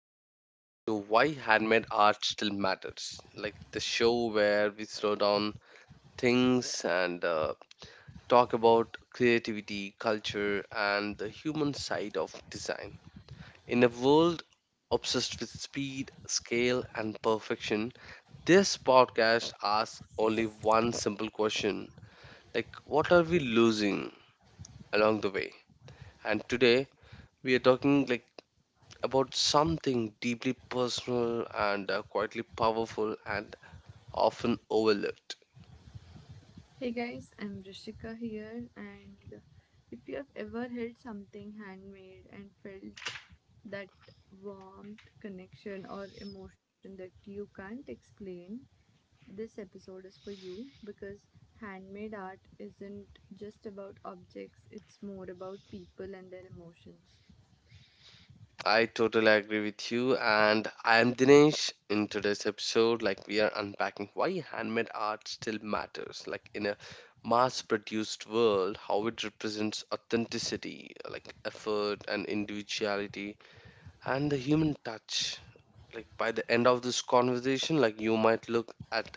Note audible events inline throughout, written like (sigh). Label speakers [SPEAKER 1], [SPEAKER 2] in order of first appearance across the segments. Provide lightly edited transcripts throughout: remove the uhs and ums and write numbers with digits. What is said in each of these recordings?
[SPEAKER 1] you're listening to Why Handmade Art Still Matters, like the show where we slow down things and talk about creativity, culture, and the human side of design. In a world obsessed with speed, scale, and perfection, this podcast asks only one simple question: like, what are we losing along the way? And today we are talking like about something deeply personal and quietly powerful and often overlooked.
[SPEAKER 2] Hey guys, I'm Rishika here, and if you have ever held something handmade and felt that warmth, connection, or emotion that you can't explain, this episode is for you because handmade art isn't just about objects, it's more about people and their emotions.
[SPEAKER 1] I totally agree with you, and I am Dinesh. In today's episode, like we are unpacking why handmade art still matters, like in a mass-produced world, how it represents authenticity, like effort and individuality, and the human touch. Like by the end of this conversation, like you might look at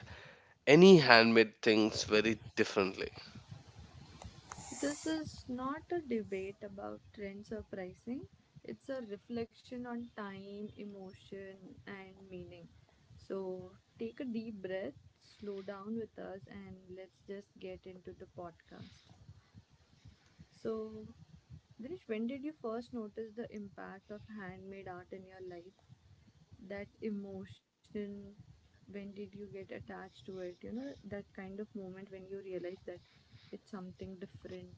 [SPEAKER 1] any handmade things very differently.
[SPEAKER 2] This is not a debate about trends or pricing. It's a reflection on time, emotion, and meaning. So take a deep breath, slow down with us, and let's just get into the podcast. So, Dinesh, when did you first notice the impact of handmade art in your life? That emotion, when did you get attached to it? You know, that kind of moment when you realize that it's something different.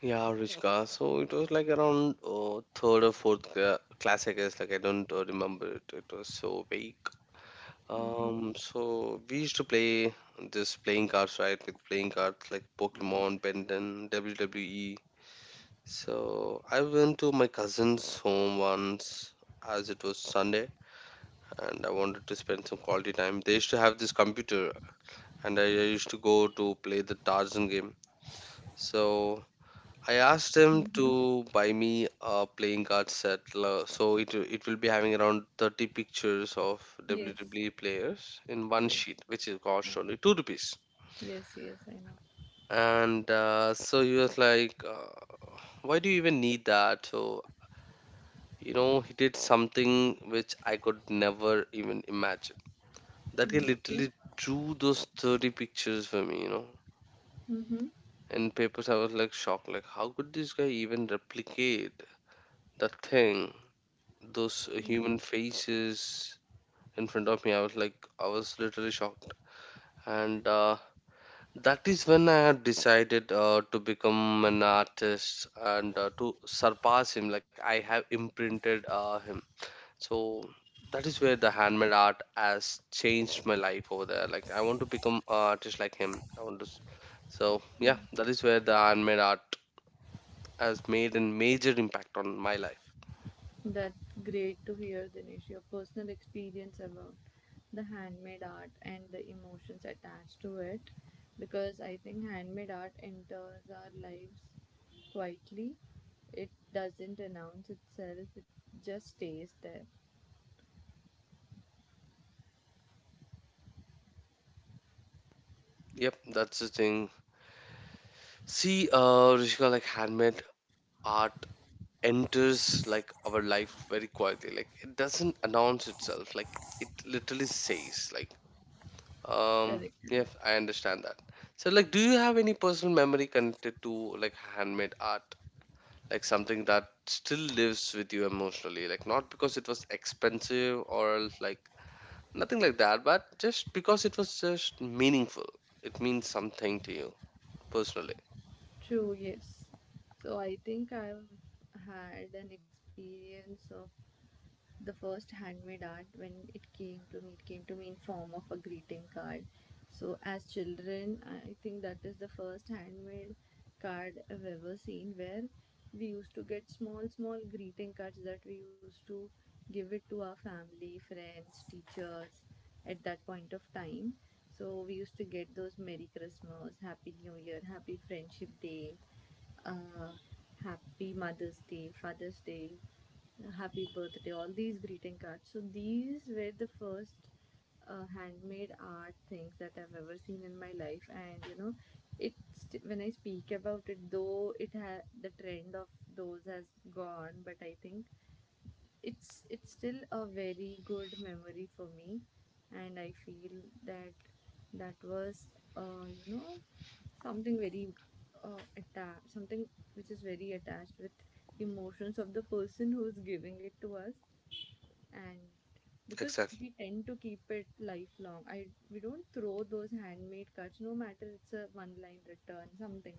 [SPEAKER 1] Yeah, Ruchika. So it was like around third or fourth class, I guess. Like I don't remember it. It was so vague.
[SPEAKER 2] Mm-hmm.
[SPEAKER 1] So we used to play this playing cards, right? With playing cards like Pokemon, Benton, WWE. So I went to my cousin's home once, as it was Sunday, and I wanted to spend some quality time. They used to have this computer, and I used to go to play the Tarzan game. So I asked him
[SPEAKER 2] Mm-hmm.
[SPEAKER 1] to buy me a playing card set, so it will be having around 30 pictures of
[SPEAKER 2] Yes.
[SPEAKER 1] WWE players in one
[SPEAKER 2] Yes.
[SPEAKER 1] sheet, which is
[SPEAKER 2] Uh,
[SPEAKER 1] cost only 2 rupees.
[SPEAKER 2] yes. Yes. I know.
[SPEAKER 1] And so he was like, "Why do you even need that?" So you know, he did something which I could never even imagine. That guy
[SPEAKER 2] Mm, okay.
[SPEAKER 1] literally drew those 30 pictures for me, you know.
[SPEAKER 2] Mm-hmm.
[SPEAKER 1] In papers, I was like shocked, like how could this guy even replicate that thing? Those
[SPEAKER 2] Mm-hmm.
[SPEAKER 1] human faces in front of me. I was like, I was literally shocked. And that is when I had decided to become an artist and to surpass him. Like, I have imprinted him. So, that is where the handmade art has changed my life over there. Like, I want to become an artist like him. I want to. So, yeah, that is where the handmade art has made a major impact on my life.
[SPEAKER 2] That's great to hear, Dinesh. Your personal experience about the handmade art and the emotions attached to it, because I think handmade art enters our lives quietly. It doesn't announce itself. It just stays there.
[SPEAKER 1] Yep, that's the thing. See, Rishika, like handmade art enters like our life very quietly. Like it doesn't announce itself. Like it literally says, like, um,
[SPEAKER 2] Correct. Correct.
[SPEAKER 1] yeah, I understand that. So, like, do you have any personal memory connected to like handmade art? Like something that still lives with you emotionally, like not because it was expensive or else, like nothing like that, but just because it was just meaningful. It means something to you personally.
[SPEAKER 2] True, yes. So I think I've had an experience of the first handmade art when it came to me in form of a greeting card. So as children, I think that is the first handmade card I've ever seen, where we used to get small small greeting cards that we used to give it to our family, friends, teachers at that point of time. So we used to get those Merry Christmas, Happy New Year, Happy Friendship Day, uh, Happy Mother's Day, Father's Day, happy birthday, all these greeting cards. So these were the first handmade art things that I've ever seen in my life, and it's when I speak about it, though the trend of those has gone, but I think it's still a very good memory for me. And I feel that that was, uh, you know something very attached, something which is very attached with emotions of the person who's giving it to us. And because
[SPEAKER 1] Exactly.
[SPEAKER 2] we tend to keep it lifelong, I we don't throw those handmade cards, no matter it's a one line return something,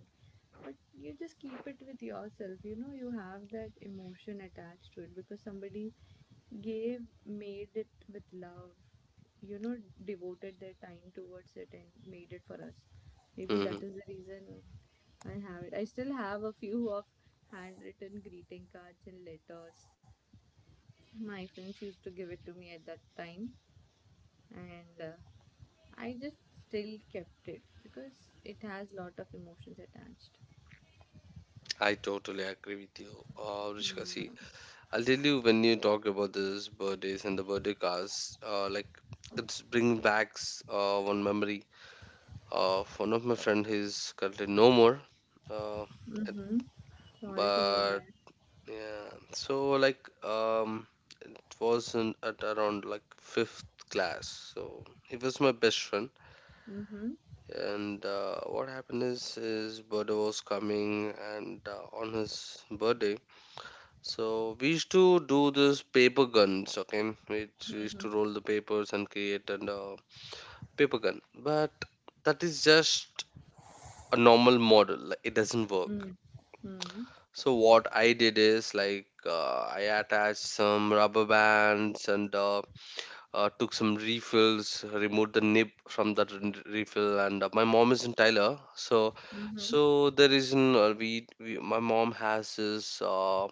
[SPEAKER 2] but you just keep it with yourself. You have that emotion attached to it because somebody gave made it with love, you know devoted their time towards it and made it for us. Maybe that is the reason I still have a few of handwritten greeting cards and letters my friends used to give it to me at that time. And I just still kept it because it has lot of emotions attached.
[SPEAKER 1] I totally agree with you,
[SPEAKER 2] Yeah.
[SPEAKER 1] Rishika. See, I'll tell you when you talk about this birthdays and the birthday cards, like it's bringing back one memory of one of my friend. He's currently no more, uh, it-
[SPEAKER 2] Mm-hmm. Sorry to hear
[SPEAKER 1] but
[SPEAKER 2] that.
[SPEAKER 1] yeah. So like, it was in, at around like fifth class. So he was my best friend,
[SPEAKER 2] Mm-hmm.
[SPEAKER 1] and what happened is his birthday was coming, and on his birthday. So we used to do this paper guns, okay? Which we used
[SPEAKER 2] Mm-hmm.
[SPEAKER 1] to roll the papers and create a paper gun. But that is just a normal model. Like, it doesn't work.
[SPEAKER 2] Mm-hmm.
[SPEAKER 1] So what I did is like I attached some rubber bands and took some refills, removed the nib from that refill, and my mom is in Tyler, so
[SPEAKER 2] Mm-hmm.
[SPEAKER 1] there is an we my mom has this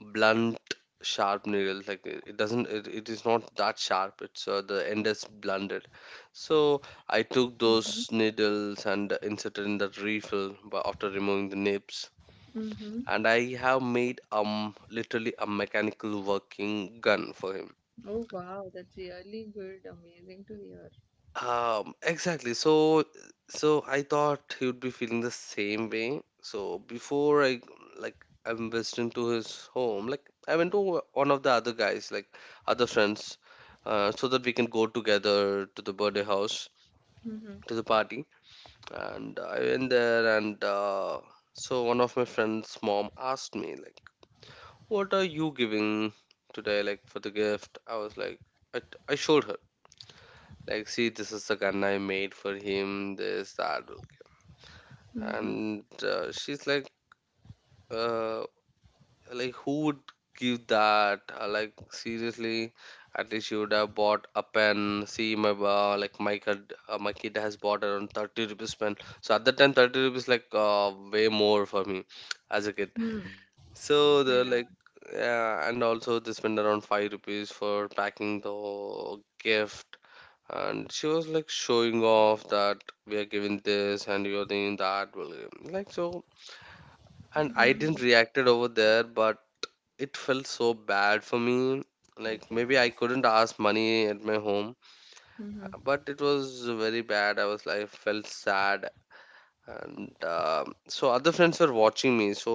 [SPEAKER 1] blunt sharp needle like it doesn't it is not that sharp. It's The end is blunted. So I took those needles and inserted in that refill, but after removing the nibs.
[SPEAKER 2] Mm-hmm.
[SPEAKER 1] And I have made literally a mechanical working gun for him.
[SPEAKER 2] Oh, wow, that's really good. Amazing to hear.
[SPEAKER 1] Exactly. So, I thought he would be feeling the same way. So before I like I went into his home, like I went to one of the other guys, like other friends, so that we can go together to the birthday house
[SPEAKER 2] Mm-hmm.
[SPEAKER 1] to the party. And I went there, and so one of my friend's mom asked me, like, "What are you giving today, like for the gift?" I was like, I, I showed her. Like, see, this is the gun I made for him, this, that. Okay."
[SPEAKER 2] Mm-hmm.
[SPEAKER 1] And she's uh, like, who would give that? Like, seriously, at least you would have bought a pen. See, my like my kid has bought around 30 rupees pen. So at that time, 30 rupees like way more for me as a kid.
[SPEAKER 2] Mm-hmm. I
[SPEAKER 1] So
[SPEAKER 2] know.
[SPEAKER 1] they're like, yeah, and also they spend around 5 rupees for packing the gift. And she was like showing off that we are giving this and you're doing that, William. Like so. And I didn't
[SPEAKER 2] Mm-hmm.
[SPEAKER 1] reacted over there, but it felt so bad for me,
[SPEAKER 2] I
[SPEAKER 1] like
[SPEAKER 2] can
[SPEAKER 1] maybe I
[SPEAKER 2] understand.
[SPEAKER 1] couldn't ask money at my home.
[SPEAKER 2] Mm-hmm.
[SPEAKER 1] But it was very bad. I was like felt sad. And so other friends were watching me, so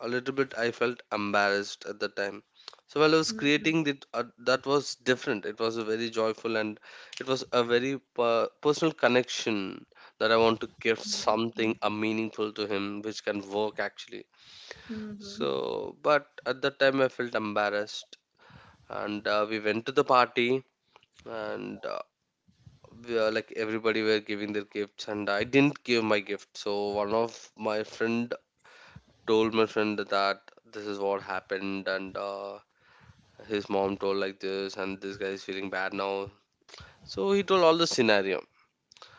[SPEAKER 1] a little bit I felt embarrassed at the time. So while I was
[SPEAKER 2] Mm-hmm.
[SPEAKER 1] creating that, that was different. It was a very joyful and it was a very personal connection, that I want to give something
[SPEAKER 2] Mm-hmm.
[SPEAKER 1] a meaningful to him which can work actually.
[SPEAKER 2] Mm-hmm. Mm-hmm.
[SPEAKER 1] So but at that time I felt embarrassed. And we went to the party. And we are like everybody were giving their gifts and I didn't give my gift. So one of my friend told my friend that this is what happened. And his mom told like this, and this guy is feeling bad now. So he told all the scenario.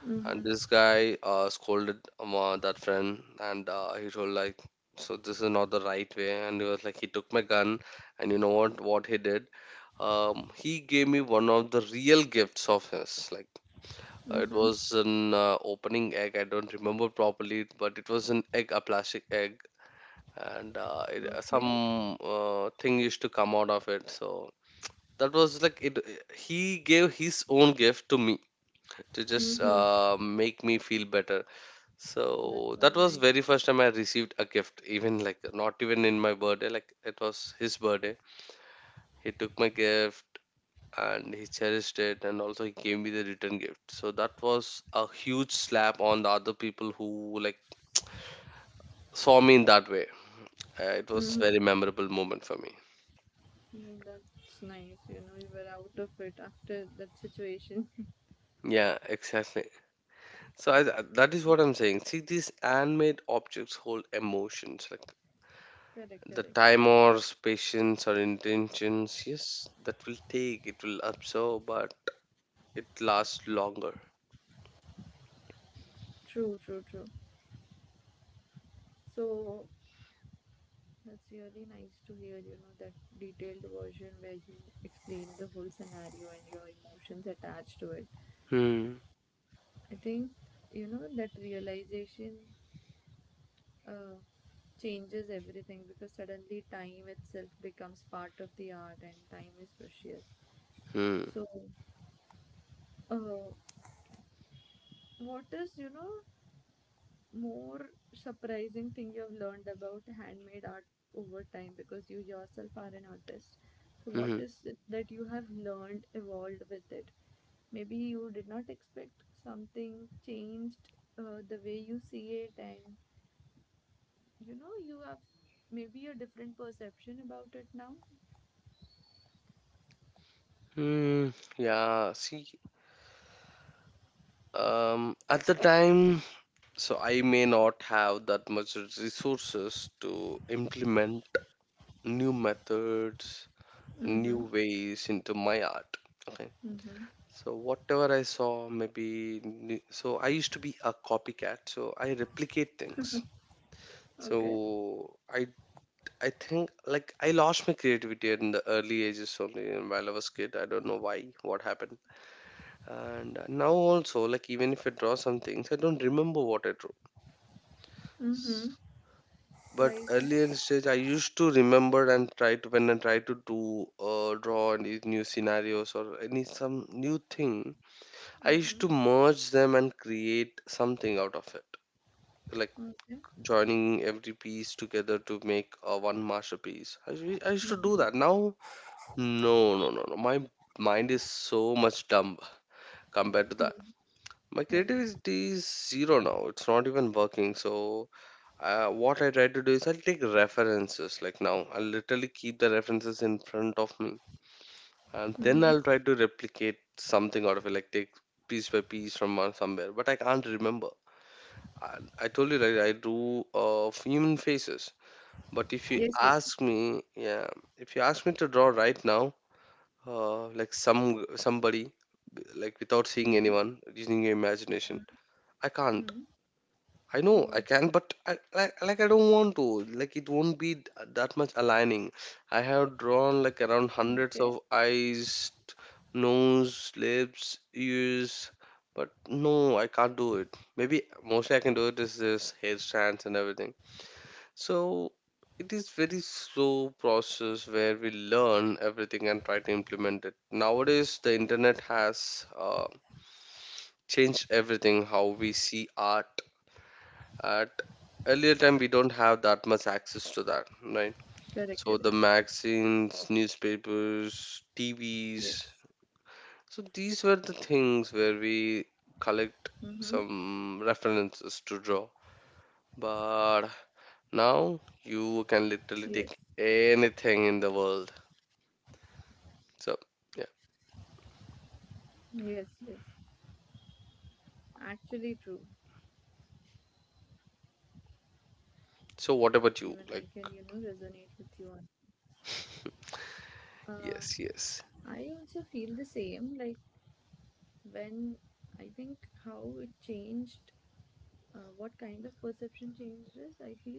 [SPEAKER 2] Mm-hmm.
[SPEAKER 1] And this guy scolded that friend. And he told like so this is not the right way. And he was like he took my gun. And you know what he did. He gave me one of the real gifts of his, like it
[SPEAKER 2] Mm-hmm.
[SPEAKER 1] was an opening egg. I don't remember properly, but it was an egg, a plastic egg. And it,
[SPEAKER 2] Okay.
[SPEAKER 1] some thing used to come out of it. So that was like it. He gave his own gift to me to just
[SPEAKER 2] Mm-hmm.
[SPEAKER 1] make me feel better.
[SPEAKER 2] That's
[SPEAKER 1] So
[SPEAKER 2] so
[SPEAKER 1] that was
[SPEAKER 2] nice.
[SPEAKER 1] very first time I received a gift, even like not even in my birthday. Like it was his birthday. He took my gift and he cherished it, and also he gave me the return gift. So that was a huge slap on the other people who like saw me in that way. It was
[SPEAKER 2] Mm-hmm.
[SPEAKER 1] very memorable moment for me.
[SPEAKER 2] Mm, that's nice. You know, you were out of it after that situation.
[SPEAKER 1] Yeah, exactly. So that is what I'm saying. See, these handmade objects hold emotions like
[SPEAKER 2] (laughs)
[SPEAKER 1] the
[SPEAKER 2] Correct, correct.
[SPEAKER 1] time
[SPEAKER 2] Right.
[SPEAKER 1] or patience or intentions. Yes, that will take, it will absorb, but it lasts longer.
[SPEAKER 2] True, true, true. So that's really nice to hear, you know, that detailed version where you explain the whole scenario and your emotions attached to it.
[SPEAKER 1] Hmm.
[SPEAKER 2] I think, that realization uh, changes everything because suddenly time itself becomes part of the art and time is precious.
[SPEAKER 1] Hmm.
[SPEAKER 2] So, uh, what is, more surprising thing you have learned about handmade art over time, because you yourself are an artist. So, what
[SPEAKER 1] Hmm.
[SPEAKER 2] is it that you have learned, evolved with it? Maybe you did not expect something changed the way you see it, and you have maybe a different perception about it now.
[SPEAKER 1] Hmm. Yeah. See, at the time, so I may not have that much resources to implement new methods,
[SPEAKER 2] Mm-hmm.
[SPEAKER 1] new ways into my art. Okay.
[SPEAKER 2] Mm-hmm.
[SPEAKER 1] So whatever I saw, maybe so I used to be a copycat, so I replicate things.
[SPEAKER 2] Okay.
[SPEAKER 1] So I think like I lost my creativity in the early ages only and while I was kid. I don't know why, what happened. And now also like even if I draw some things, I don't remember what I drew.
[SPEAKER 2] Mm-hmm.
[SPEAKER 1] S-
[SPEAKER 2] Why
[SPEAKER 1] But
[SPEAKER 2] is that?
[SPEAKER 1] earlier stage, I used to remember and try to when I try to do draw any new scenarios or any some new thing. I used
[SPEAKER 2] Mm-hmm.
[SPEAKER 1] to merge them and create something out of it, like
[SPEAKER 2] Okay.
[SPEAKER 1] joining every piece together to make one masterpiece. I used to
[SPEAKER 2] Mm-hmm.
[SPEAKER 1] do that. Now, no, no, no, no. My mind is so much dumb compared to that.
[SPEAKER 2] Mm-hmm.
[SPEAKER 1] My
[SPEAKER 2] Oh.
[SPEAKER 1] creativity is zero now. It's not even working. So, what I try to do is I'll take references. Like now, I'll literally keep the references in front of me, and
[SPEAKER 2] Mm-hmm.
[SPEAKER 1] then I'll try to replicate something out of it. Like take piece by piece from somewhere, but I can't remember. And I told you right, I do human faces. But if you
[SPEAKER 2] Yes, yes.
[SPEAKER 1] ask me, yeah, if you ask me to draw right now, like somebody, like without
[SPEAKER 2] Mm-hmm.
[SPEAKER 1] seeing anyone, using your imagination,
[SPEAKER 2] Mm-hmm.
[SPEAKER 1] I
[SPEAKER 2] Mm-hmm.
[SPEAKER 1] can't. I know
[SPEAKER 2] Oh,
[SPEAKER 1] I can, but I, like I don't want to. Like it won't be that much aligning. I have drawn like around hundreds
[SPEAKER 2] okay.
[SPEAKER 1] of eyes, nose, lips, ears, but no, I can't do it. Maybe mostly I can do it is this hair strands and everything. So it is very slow process where we learn everything and try to implement it. Nowadays, the internet has changed everything. How we see art at
[SPEAKER 2] Correct,
[SPEAKER 1] earlier
[SPEAKER 2] correct.
[SPEAKER 1] time, we don't have that much access to that, right? So the
[SPEAKER 2] Yes.
[SPEAKER 1] magazines, newspapers, TVs. So these
[SPEAKER 2] Mm-hmm.
[SPEAKER 1] were the things where we collect some references to draw. But
[SPEAKER 2] Yes.
[SPEAKER 1] now you can literally take anything in the world. So
[SPEAKER 2] Yes,
[SPEAKER 1] yeah.
[SPEAKER 2] yes. Actually true. Even I can,
[SPEAKER 1] So
[SPEAKER 2] resonate
[SPEAKER 1] what
[SPEAKER 2] with
[SPEAKER 1] about
[SPEAKER 2] you
[SPEAKER 1] you? Like
[SPEAKER 2] on. I also feel the
[SPEAKER 1] yes,
[SPEAKER 2] same.
[SPEAKER 1] yes.
[SPEAKER 2] Like when I think how it changed, what kind of perception changed is, I feel,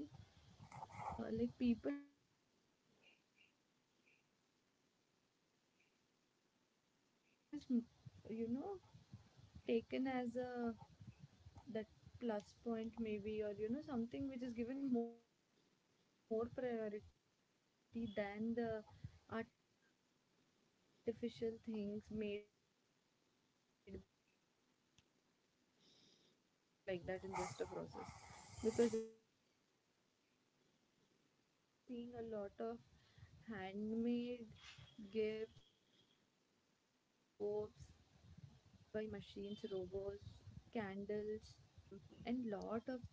[SPEAKER 2] like people nowadays are moving towards all these trends where handmade art is, you know taken as a that plus point, maybe, or something which is given more priority than the artificial things made by machines, robots, or something like that, in just a process, because it doesn't hold on to that love. And also these days we are seeing a lot of handmade gifts, handmade hampers, handmade soaps, candles, and lot of things those are, available in the market today, which is more costly than the common uh,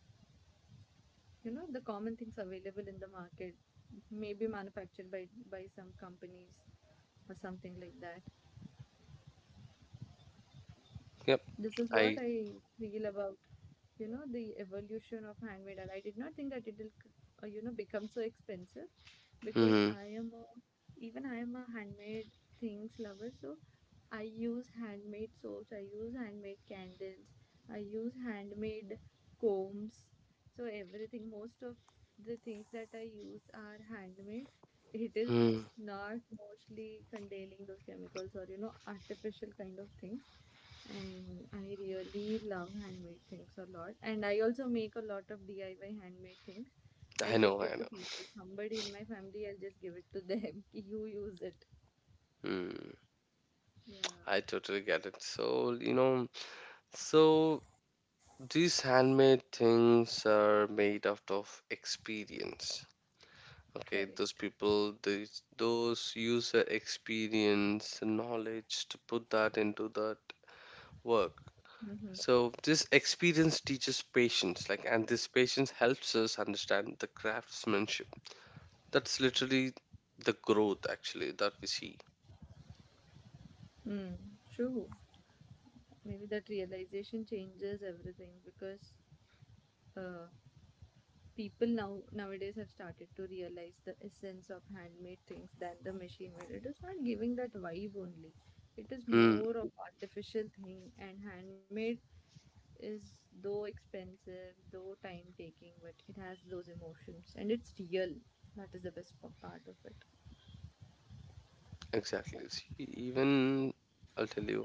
[SPEAKER 2] the common things available in the market, may be manufactured by some companies or something like that. This is
[SPEAKER 1] Yep.
[SPEAKER 2] what I
[SPEAKER 1] I.
[SPEAKER 2] feel about, the evolution of handmade art. I did not think that it will become so expensive, because I
[SPEAKER 1] Hmm.
[SPEAKER 2] am a, even I am a handmade things lover. So I use handmade soaps, I use handmade candles, I use handmade combs. So everything, most of the things that I use are handmade. It is
[SPEAKER 1] Hmm.
[SPEAKER 2] not mostly containing those chemicals or artificial kind of things. And I really love handmade things a lot. And I also make a lot of DIY handmade things. I
[SPEAKER 1] I
[SPEAKER 2] gift
[SPEAKER 1] know.
[SPEAKER 2] it
[SPEAKER 1] I
[SPEAKER 2] to
[SPEAKER 1] know.
[SPEAKER 2] people. Somebody in my family, I'll just give it to them. (laughs) You use it.
[SPEAKER 1] Hmm.
[SPEAKER 2] Yeah,
[SPEAKER 1] I totally get it. So you know. So these handmade things are made out of experience. Okay,
[SPEAKER 2] correct.
[SPEAKER 1] those people, these, those user experience and knowledge to put that into that work.
[SPEAKER 2] Mm-hmm.
[SPEAKER 1] So this experience teaches patience, like, and this patience helps us understand the craftsmanship. That's literally the growth actually that we see.
[SPEAKER 2] Mm, true. Maybe that realization changes everything because uh, people nowadays have started to realize the essence of handmade things than the machine made. It is not giving that vibe only, it is
[SPEAKER 1] Mm,
[SPEAKER 2] more of artificial thing. And handmade is, though expensive, though time taking, but it has those emotions and it's real. That is the best part of it.
[SPEAKER 1] exactly. See, even I'll tell you,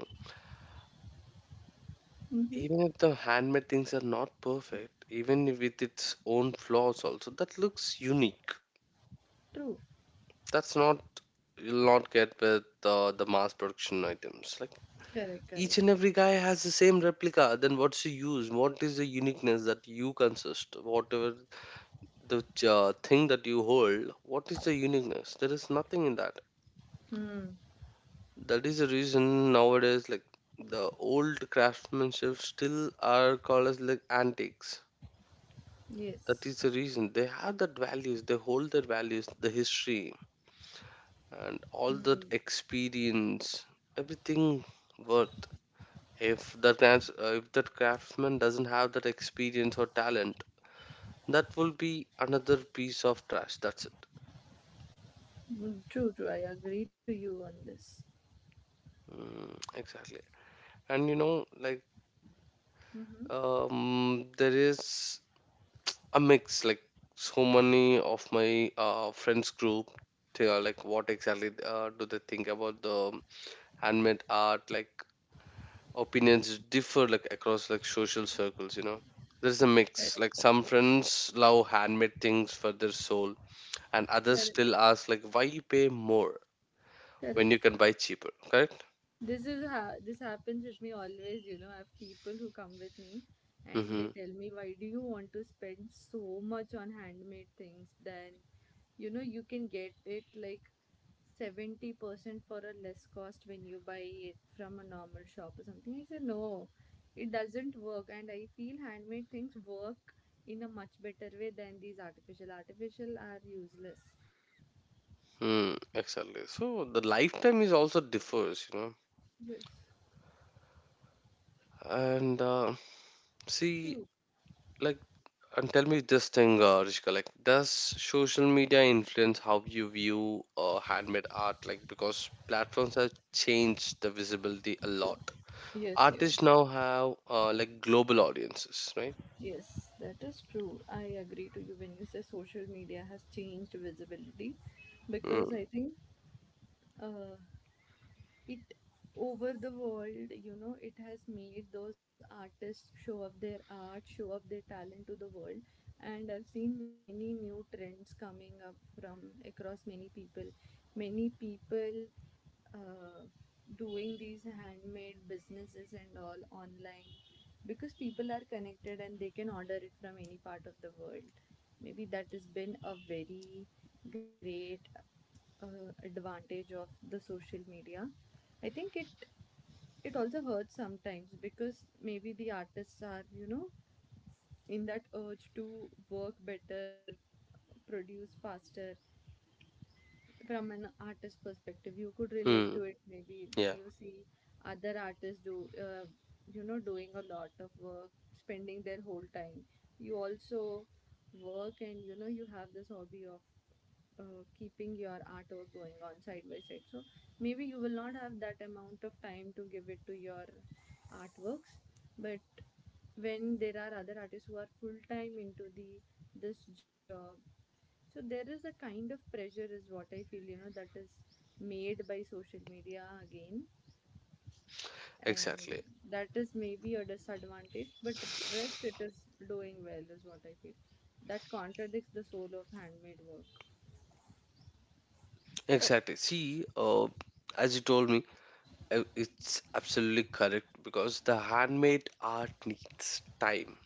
[SPEAKER 2] Mm-hmm.
[SPEAKER 1] even if the handmade things are not perfect, even if with its own flaws also, that looks unique.
[SPEAKER 2] True.
[SPEAKER 1] That's not, you'll not get with the mass production items. Like
[SPEAKER 2] Correct, correct.
[SPEAKER 1] each and every guy has the same replica, then what's the use? What is the uniqueness that you consist, whatever the thing that you hold? What is the uniqueness? There is nothing in that.
[SPEAKER 2] Hmm.
[SPEAKER 1] That is the reason nowadays, like, the old craftsmanship still are called as like antiques. That
[SPEAKER 2] Yes.
[SPEAKER 1] is the reason they have that values, they hold their values, the history and all that
[SPEAKER 2] Hmm.
[SPEAKER 1] experience, everything worth. If that if that craftsman doesn't have that experience or talent, that will be another piece of trash. That's it.
[SPEAKER 2] Mm, true, true. I agree to you on this.
[SPEAKER 1] Mm, exactly. And you know, like,
[SPEAKER 2] Mm-hmm.
[SPEAKER 1] there is a mix, like so many of my friends group. They are like, what exactly do they think about the handmade art? Like opinions differ, like across like social circles, you know. There's a mix,
[SPEAKER 2] Correct,
[SPEAKER 1] like some friends love handmade things for their soul, and others
[SPEAKER 2] correct,
[SPEAKER 1] still ask like, why you pay more when
[SPEAKER 2] correct.
[SPEAKER 1] you can buy cheaper? Correct.
[SPEAKER 2] This happens with me always. You know, I have people who come with me, and they
[SPEAKER 1] Mm-hmm.
[SPEAKER 2] tell me, "Why do you want to spend so much on handmade things? Then, you can get it like 70% for a less cost when you buy it from a normal shop or something." I said, "No, it doesn't work." And I feel handmade things work in a much better way than these artificial. Artificial are useless.
[SPEAKER 1] Mm, exactly, so the lifetime is also differs, you know.
[SPEAKER 2] Yes,
[SPEAKER 1] And see,
[SPEAKER 2] true.
[SPEAKER 1] like, and tell me this thing, Rishka, like does social media influence how you view handmade art? Like because platforms have changed the visibility a lot.
[SPEAKER 2] Yes,
[SPEAKER 1] Artists
[SPEAKER 2] yes.
[SPEAKER 1] now have like global audiences, right?
[SPEAKER 2] Yes, that is true. I agree to you when you say social media has changed visibility, because
[SPEAKER 1] Mm.
[SPEAKER 2] I think uh, it, over the world, it has made those artists show up their art, show up their talent to the world. And I've seen many new trends coming up from across many people. Many people uh, doing these handmade businesses and all online, because people are connected and they can order it from any part of the world. Maybe that has been a very great advantage of the social media. I think it also hurts sometimes, because maybe the artists are, in that urge to work better, produce faster. From an artist perspective, you could relate to
[SPEAKER 1] Mm.
[SPEAKER 2] it, maybe, when
[SPEAKER 1] Yeah,
[SPEAKER 2] you see other artists do you know doing a lot of work, spending their whole time. You also work and you have this hobby of keeping your artwork going on side by side. So maybe you will not have that amount of time to give it to your artworks. But when there are other artists who are full time into the this job, so there is a kind of pressure, is what I feel, that is made by social media again, and
[SPEAKER 1] exactly.
[SPEAKER 2] that is maybe a disadvantage. But rest, it is doing well, is what I feel. That contradicts the soul of handmade work.
[SPEAKER 1] Exactly, see, as you told me, it's absolutely correct because the handmade art needs time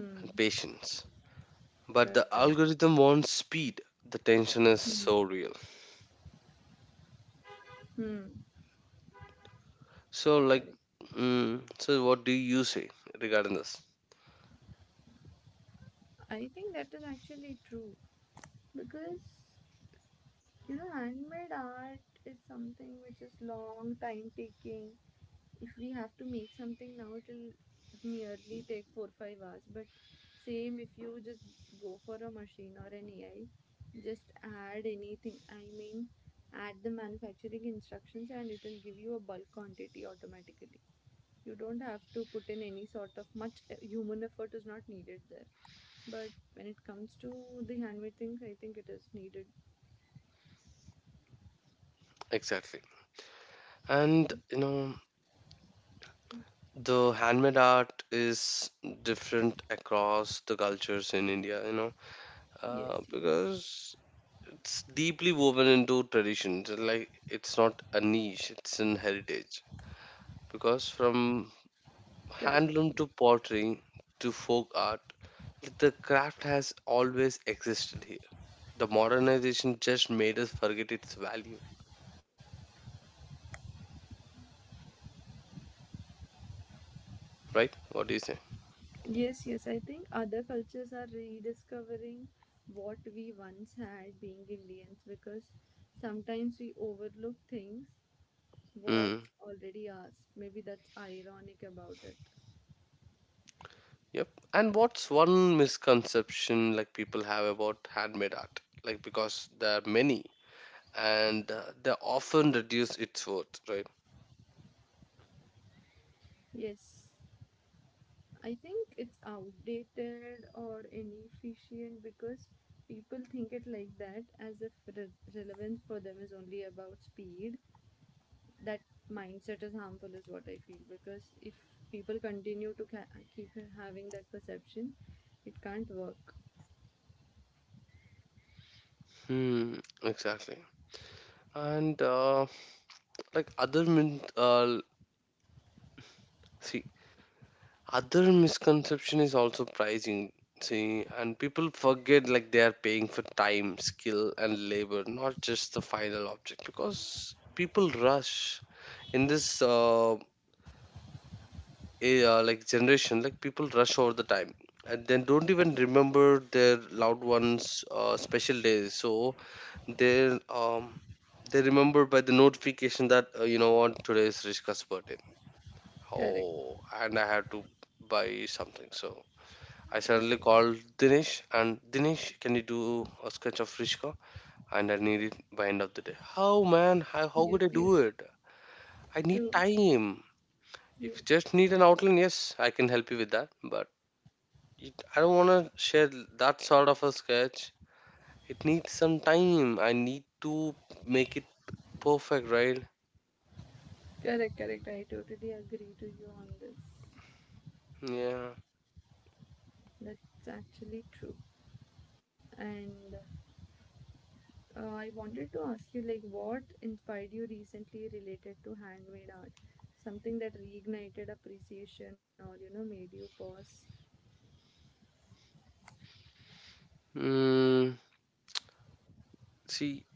[SPEAKER 2] Hmm.
[SPEAKER 1] and patience, but the
[SPEAKER 2] Correct.
[SPEAKER 1] algorithm wants speed. The tension is
[SPEAKER 2] Hmm.
[SPEAKER 1] so real.
[SPEAKER 2] Hmm.
[SPEAKER 1] So like,
[SPEAKER 2] Correct.
[SPEAKER 1] mm, so what do you say regarding this?
[SPEAKER 2] I think that is actually true because, you know, handmade art is something which is long time taking. If we have to make something now, it'll nearly take 4-5 hours. But same if you just go for a machine or an AI, just add anything. I mean, add the manufacturing instructions and it'll give you a bulk quantity automatically. You don't have to put in any sort of much human effort is not needed there. But when it comes to the handmade things, I think it is needed.
[SPEAKER 1] Exactly. And you know, the handmade art is different across the cultures in India, you know,
[SPEAKER 2] Yes, yes.
[SPEAKER 1] because it's deeply woven into traditions. Like it's not a niche; it's an heritage. Because from handloom to pottery to folk art, the craft has always existed here. The modernization just made us forget its value, right? What do you say? Hmm. Yep. And what's one misconception like people have about handmade art? Like because there are many, and they often reduce its worth, right? Hmm, exactly. And like, other min see, other misconception is also pricing. See, and people forget like they are paying for time, skill, and labor, not just the final object, because people rush in this yeah, like generation. Like people rush all the time and then don't even remember their loved ones' special days. So they um they remember by the notification that, you know what, today is Rishka's birthday. Oh, and I had to buy something. So I suddenly called Dinesh, and Dinesh, can you do a sketch of Rishka? And I need it by end of the day. How, man? How could I do it? I need time. If you just need an outline, yes, I can help you with that. But it, I don't want to share that sort of a sketch. It needs some time. I need to make it perfect, right? Yeah. Mm, see,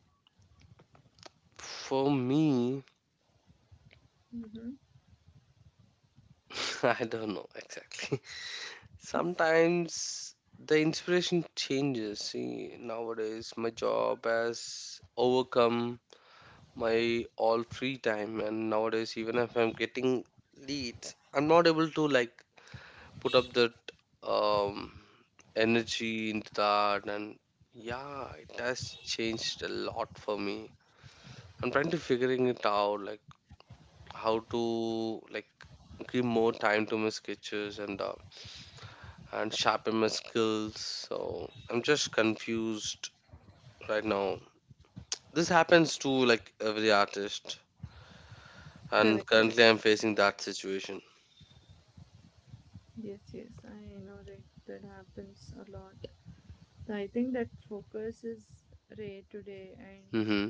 [SPEAKER 1] for me, (laughs) I don't know exactly. (laughs) Sometimes the inspiration changes. See, nowadays my job has overcome my all free time, and nowadays even if I'm getting leads, I'm not able to like put up that, um, energy into that, and yeah, it has changed a lot for me. I'm trying to figuring it out, like how to, like, give more time to my sketches, and and sharpen my skills, so I'm just confused right now. This happens to like every artist, and currently I'm facing that situation. Mm-hmm.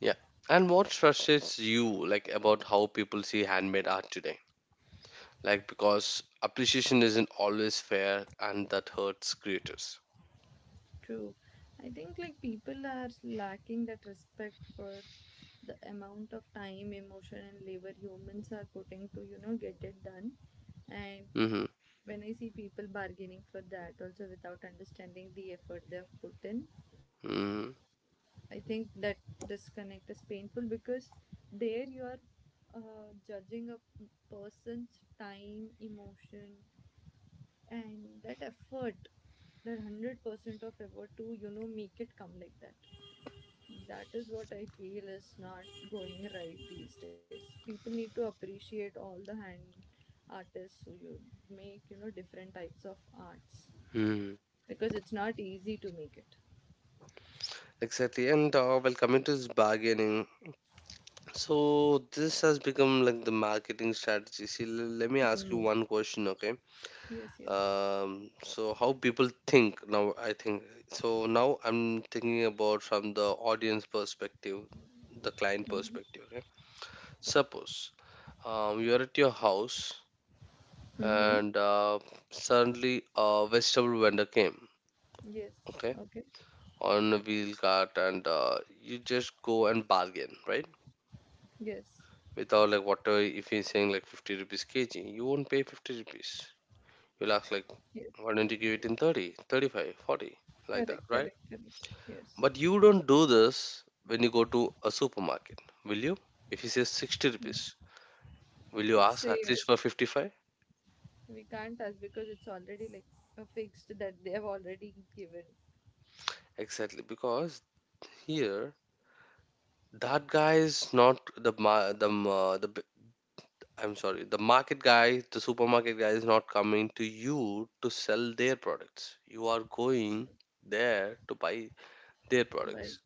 [SPEAKER 1] Yeah. And what frustrates you, like, about how people see handmade art today? Like because appreciation isn't always fair, and that hurts creators. Mm-hmm, mm-hmm, hmm. Exactly, and well, coming to this bargaining, so this has become like the marketing strategy. See, let me ask you one question, okay. So how people think now, I think. So now I'm thinking about from the audience perspective, the client perspective, okay. Suppose you're at your house, and suddenly a vegetable vendor came, okay, on a wheel cart, and you just go and bargain, right? Without like, whatever, if he's saying like 50 rupees kg, you won't pay 50 rupees. You'll ask like, why don't you give it in 30, 35, 40, like that, right? But you don't do this when you go to a supermarket, will you? If he says 60 rupees, will you ask at least for 55? Exactly. Because here that guy is not the, I'm sorry, the market guy, the supermarket guy is not coming to you to sell their products. You are going there to buy their products.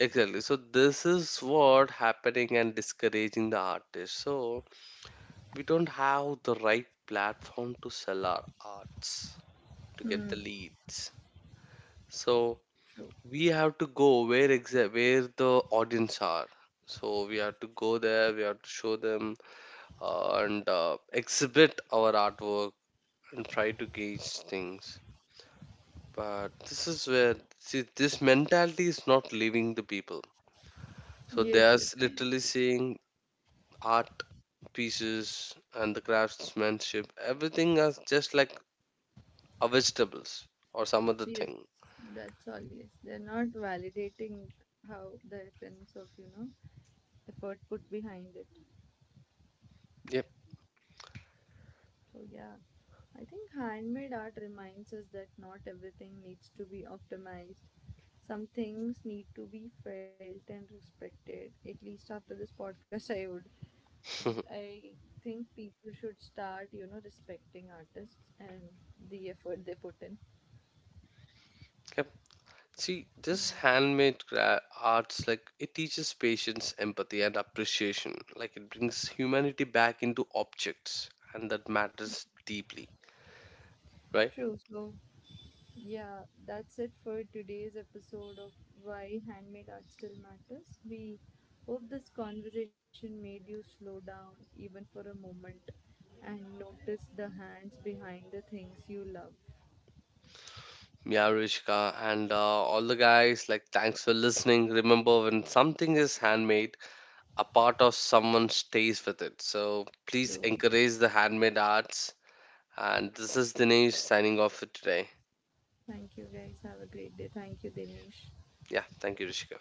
[SPEAKER 1] Exactly. So this is what happening and discouraging the artist. So we don't have the right platform to sell our arts, to get the leads. So we have to go where, where the audience are. So we have to go there. We have to show them and exhibit our artwork and try to gauge things. But this is where, see, this mentality is not leaving the people. So they are literally seeing art pieces and the craftsmanship, everything as just like a vegetables or some other thing. Yep. (laughs) Yep. See, this handmade arts, like, it teaches patience, empathy, and appreciation. Like it brings humanity back into objects, and that matters deeply, right? Yeah, Rishka, and all the guys, like, thanks for listening. Remember, when something is handmade, a part of someone stays with it. So please encourage the handmade arts. And this is Dinesh signing off for today. Yeah, thank you, Rishka.